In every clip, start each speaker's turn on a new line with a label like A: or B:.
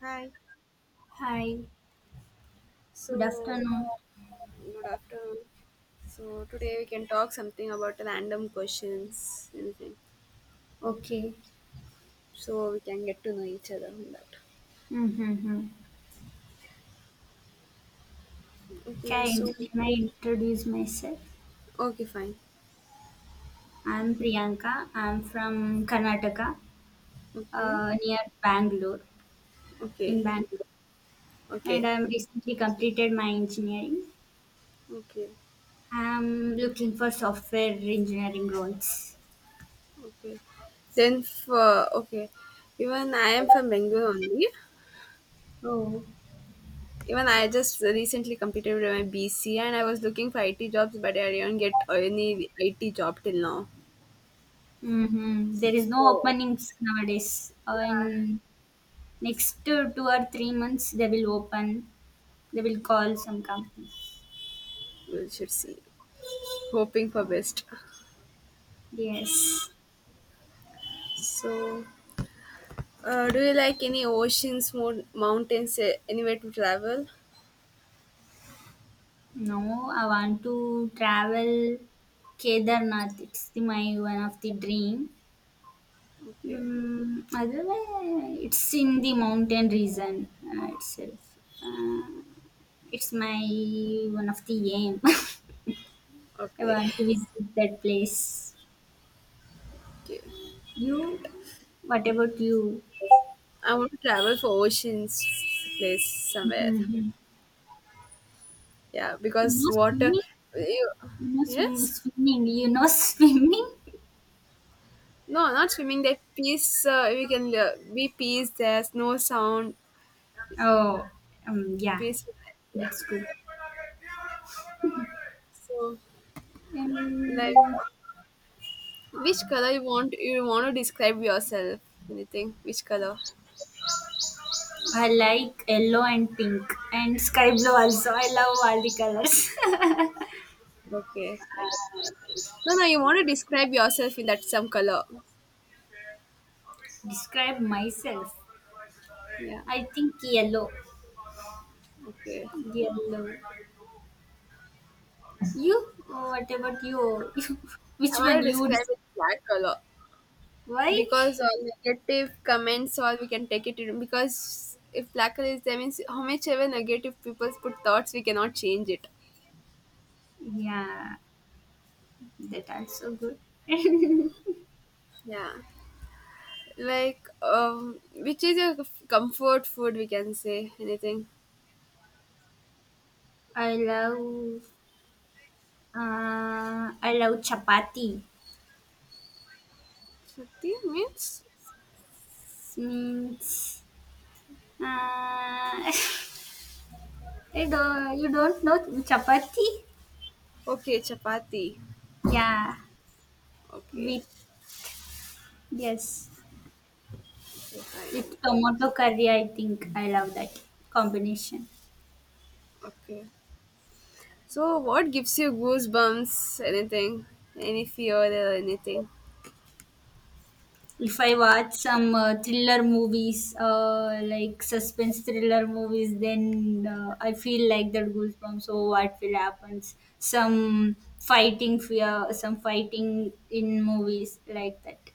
A: Hi.
B: Hi, good
A: So,
B: afternoon.
A: good afternoon. So, today we can talk something about random questions, anything.
B: Okay.
A: So, we can get to know each other in that.
B: Mm-hmm.
A: Okay, so,
B: Can I introduce myself?
A: okay, fine.
B: I'm Priyanka. I'm from Karnataka,
A: Okay,
B: near Bangalore, in
A: okay,
B: Bangalore, and
A: okay,
B: I'm recently completed my engineering.
A: okay,
B: I'm looking for software engineering roles.
A: okay. Then, for, okay, even I am from Bengal only.
B: Oh.
A: Even I just recently completed my BC and I was looking for IT jobs, but I didn't get any IT job till now.
B: Mm-hmm. There is no
A: So,
B: openings nowadays.
A: yeah,
B: In next 2 or 3 months, they will open. They will call some companies.
A: we should see. Hoping for best.
B: Yes.
A: So, do you like any oceans, more mountains, eh, anywhere to travel?
B: No, I want to travel Kedarnath. It's my one of the dream.
A: Okay,
B: Otherwise, it's in the mountain region itself. It's my one of the aim. I
A: okay,
B: want to visit that place.
A: okay.
B: You? What about you?
A: I want to travel for oceans place somewhere.
B: Mhm.
A: Yeah,
B: You
A: because
B: know
A: water.
B: swimming?
A: You,
B: You know
A: yes.
B: swimming? You know swimming?
A: No, not swimming. That peace. We can be peace. There's no sound.
B: Oh, yeah,
A: Peaceful. Yeah.
B: that's good.
A: So, like,
B: And
A: which color you want? You want to describe yourself? Anything? Which color?
B: I like yellow and pink and sky blue also. I love all the colors.
A: Okay, like that. No, no, you want to describe yourself in that some color.
B: Describe myself.
A: Yeah.
B: I think yellow.
A: Okay.
B: Yellow. You? What about you?
A: I
B: Which one
A: want to
B: you?
A: describe it black color
B: Why?
A: because negative comments or we can take it in because if black color is there means how much ever negative people put thoughts we cannot change it.
B: Yeah, that also good.
A: Yeah. Like which is your comfort food? We can say anything.
B: I love. I love chapati.
A: Chapati means
B: Means. I don't, you don't know chapati?
A: okay chapati.
B: Yeah,
A: Okay.
B: with yes.
A: Okay fine.
B: With tomato curry, I think I love that combination.
A: Okay. So, what gives you goosebumps? Anything? Any fear or anything?
B: If I watch some thriller movies, like suspense thriller movies, then I feel like that goosebumps. So what will happens? Some fighting fear, some fighting in movies like that.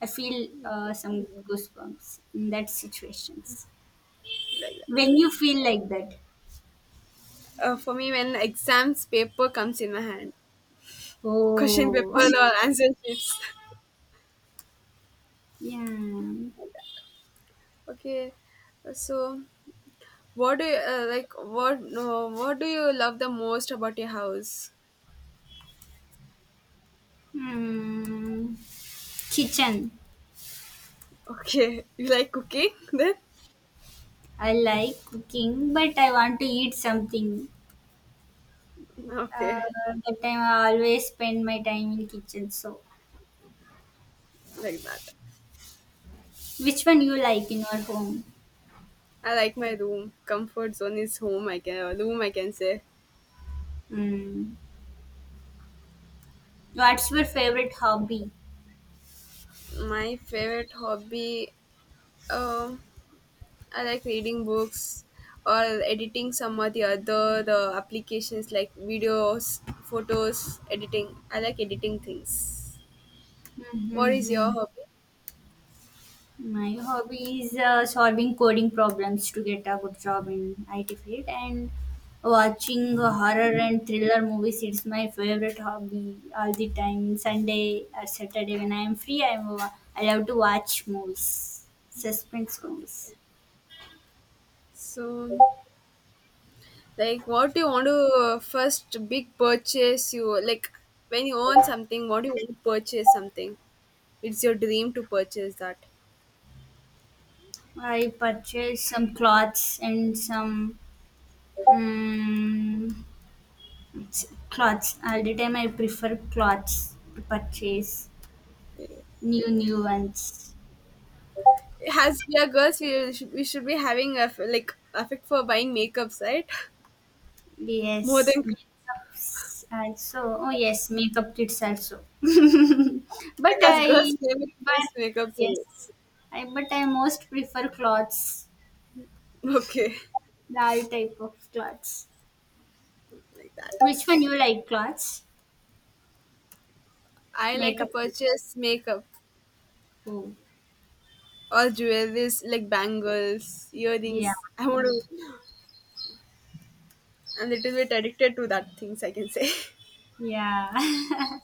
B: I feel
A: Okay,
B: some goosebumps in that situations.
A: like that.
B: When you feel like that,
A: For me, when exams paper comes in my hand, question
B: oh,
A: paper or answer sheets.
B: yeah.
A: okay, so what do you like? What no? What do you love the most about your house?
B: Hmm. Kitchen.
A: Okay, you like cooking then?
B: I like cooking, but I want to eat something. Uh,
A: Okay,
B: that time I always spend my time in kitchen. So,
A: like that.
B: which one you like in your home?
A: I like my room. Comfort zone is home. I can room. I can say
B: Mm. What's your favorite hobby?
A: my favorite hobby. Um, I like reading books or editing some or the other the applications like videos, photos, editing. I like editing things. What is your
B: Mm-hmm.
A: hobby?
B: My hobby is solving coding problems to get a good job in IT field and watching horror and thriller movies. It's my favorite hobby all the time. Sunday or Saturday when I am free, I love to watch movies, suspense movies.
A: Okay. So like what do you want to first big purchase you like when you own something, what do you want to purchase something? It's your dream to purchase that.
B: I purchased some clothes and some um, clothes. All the time I prefer clothes to purchase new ones.
A: As we are girls, we should be having a like affect for buying makeups, right? More
B: Yes,
A: than
B: makeups also. Oh yes, makeup kits also. But
A: because girls
B: I
A: play with
B: prefer,
A: this makeup too.
B: yes. I But I most prefer clothes,
A: Okay,
B: all type of clothes.
A: like that.
B: Which one you like? Clothes,
A: I like to
B: makeup.
A: purchase makeup
B: Oh
A: or jewelry, like bangles,
B: yeah,
A: earrings. I want to. I'm a little bit addicted to that things. I can say.
B: yeah.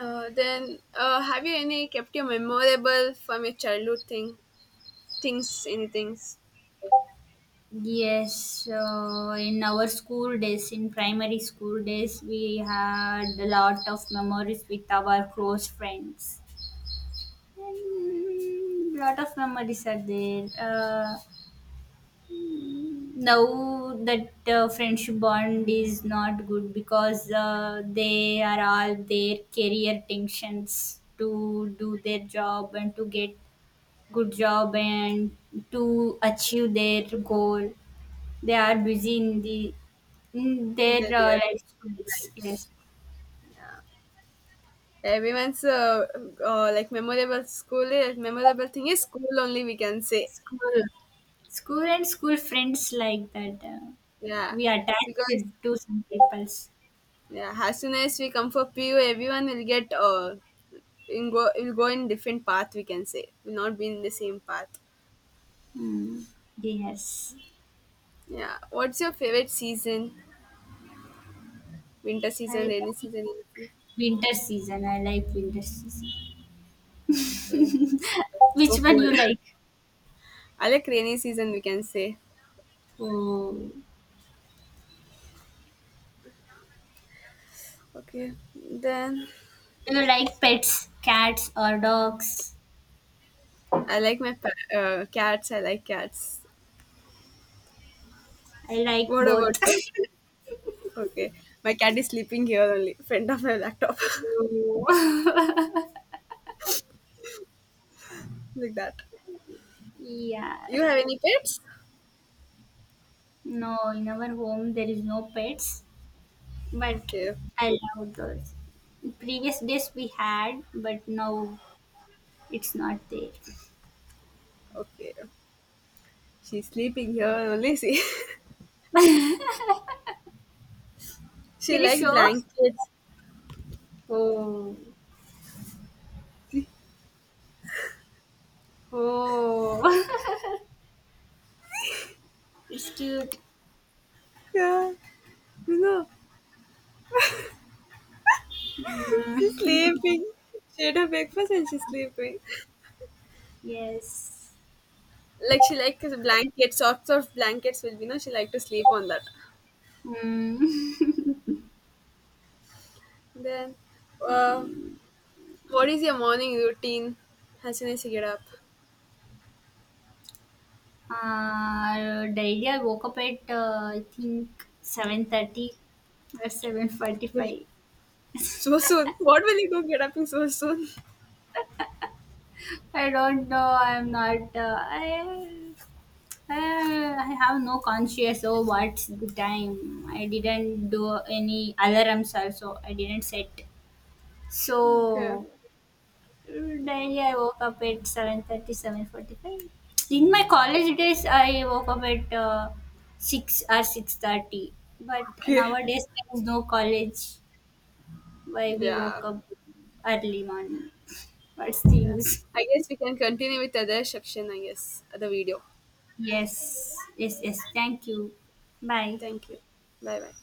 A: Have you any kept your memorable from your childhood things, anything
B: Yes, so in our school days, in primary school days, we had a lot of memories with our close friends. And lot of memories are there. Now that friendship bond is not good because they are all their career tensions to do their job and to get good job and to achieve their goal. They are busy in
A: in
B: their
A: the real
B: life schools. Yes,
A: life? Everyone's like memorable school, memorable thing is school only. We can say,
B: school, school and school friends like that.
A: yeah,
B: We
A: because
B: attached to some people's.
A: yeah, as soon as we come for PU, everyone will get in go in different path. We can say will not be in the same path.
B: Mm, yes.
A: Yeah. What's your favorite season? Winter
B: I
A: season, rainy
B: like
A: season?
B: winter season. I like winter season.
A: Okay.
B: Which
A: So
B: one
A: cool.
B: you like?
A: I like rainy season. We can say.
B: Oh,
A: Okay. Then
B: do you like pets, cats or dogs?
A: I like my cats. I like cats.
B: I like
A: What about
B: both.
A: you? Okay. My cat is sleeping here only, friend of my laptop,
B: Oh.
A: like that.
B: Yeah.
A: You have any pets?
B: No, in our home there is no pets, but
A: Okay.
B: I love those. In previous days we had, but now it's not there.
A: Okay. She's sleeping here only. See, she
B: Can you
A: like
B: show?
A: blankets.
B: Oh, oh, it's cute.
A: Yeah, you know, she's
B: Mm,
A: sleeping. She had her breakfast and she's sleeping.
B: yes.
A: Like she like blankets, sorts of blankets will be. No, she like to sleep on that.
B: Mm.
A: Then, uh, what is your morning routine? As soon as you get up,
B: Daily I woke up at I think 7:30 or seven
A: Will-
B: forty-five.
A: so soon. What will you go get up in so soon?
B: I don't know. I'm not. I have no conscious of what's the time. I didn't do any alarms also. I didn't set.
A: Okay.
B: So daily, I woke up at 7:30, 7:45. In my college days, I woke up at 6 or 6:30. But
A: Okay.
B: nowadays, there is no college why we
A: Yeah.
B: woke up early morning. What's the
A: Yeah.
B: use?
A: I guess we can continue with other section. I guess other video.
B: Yes, yes, yes. Thank you. Bye.
A: Thank you. Bye bye.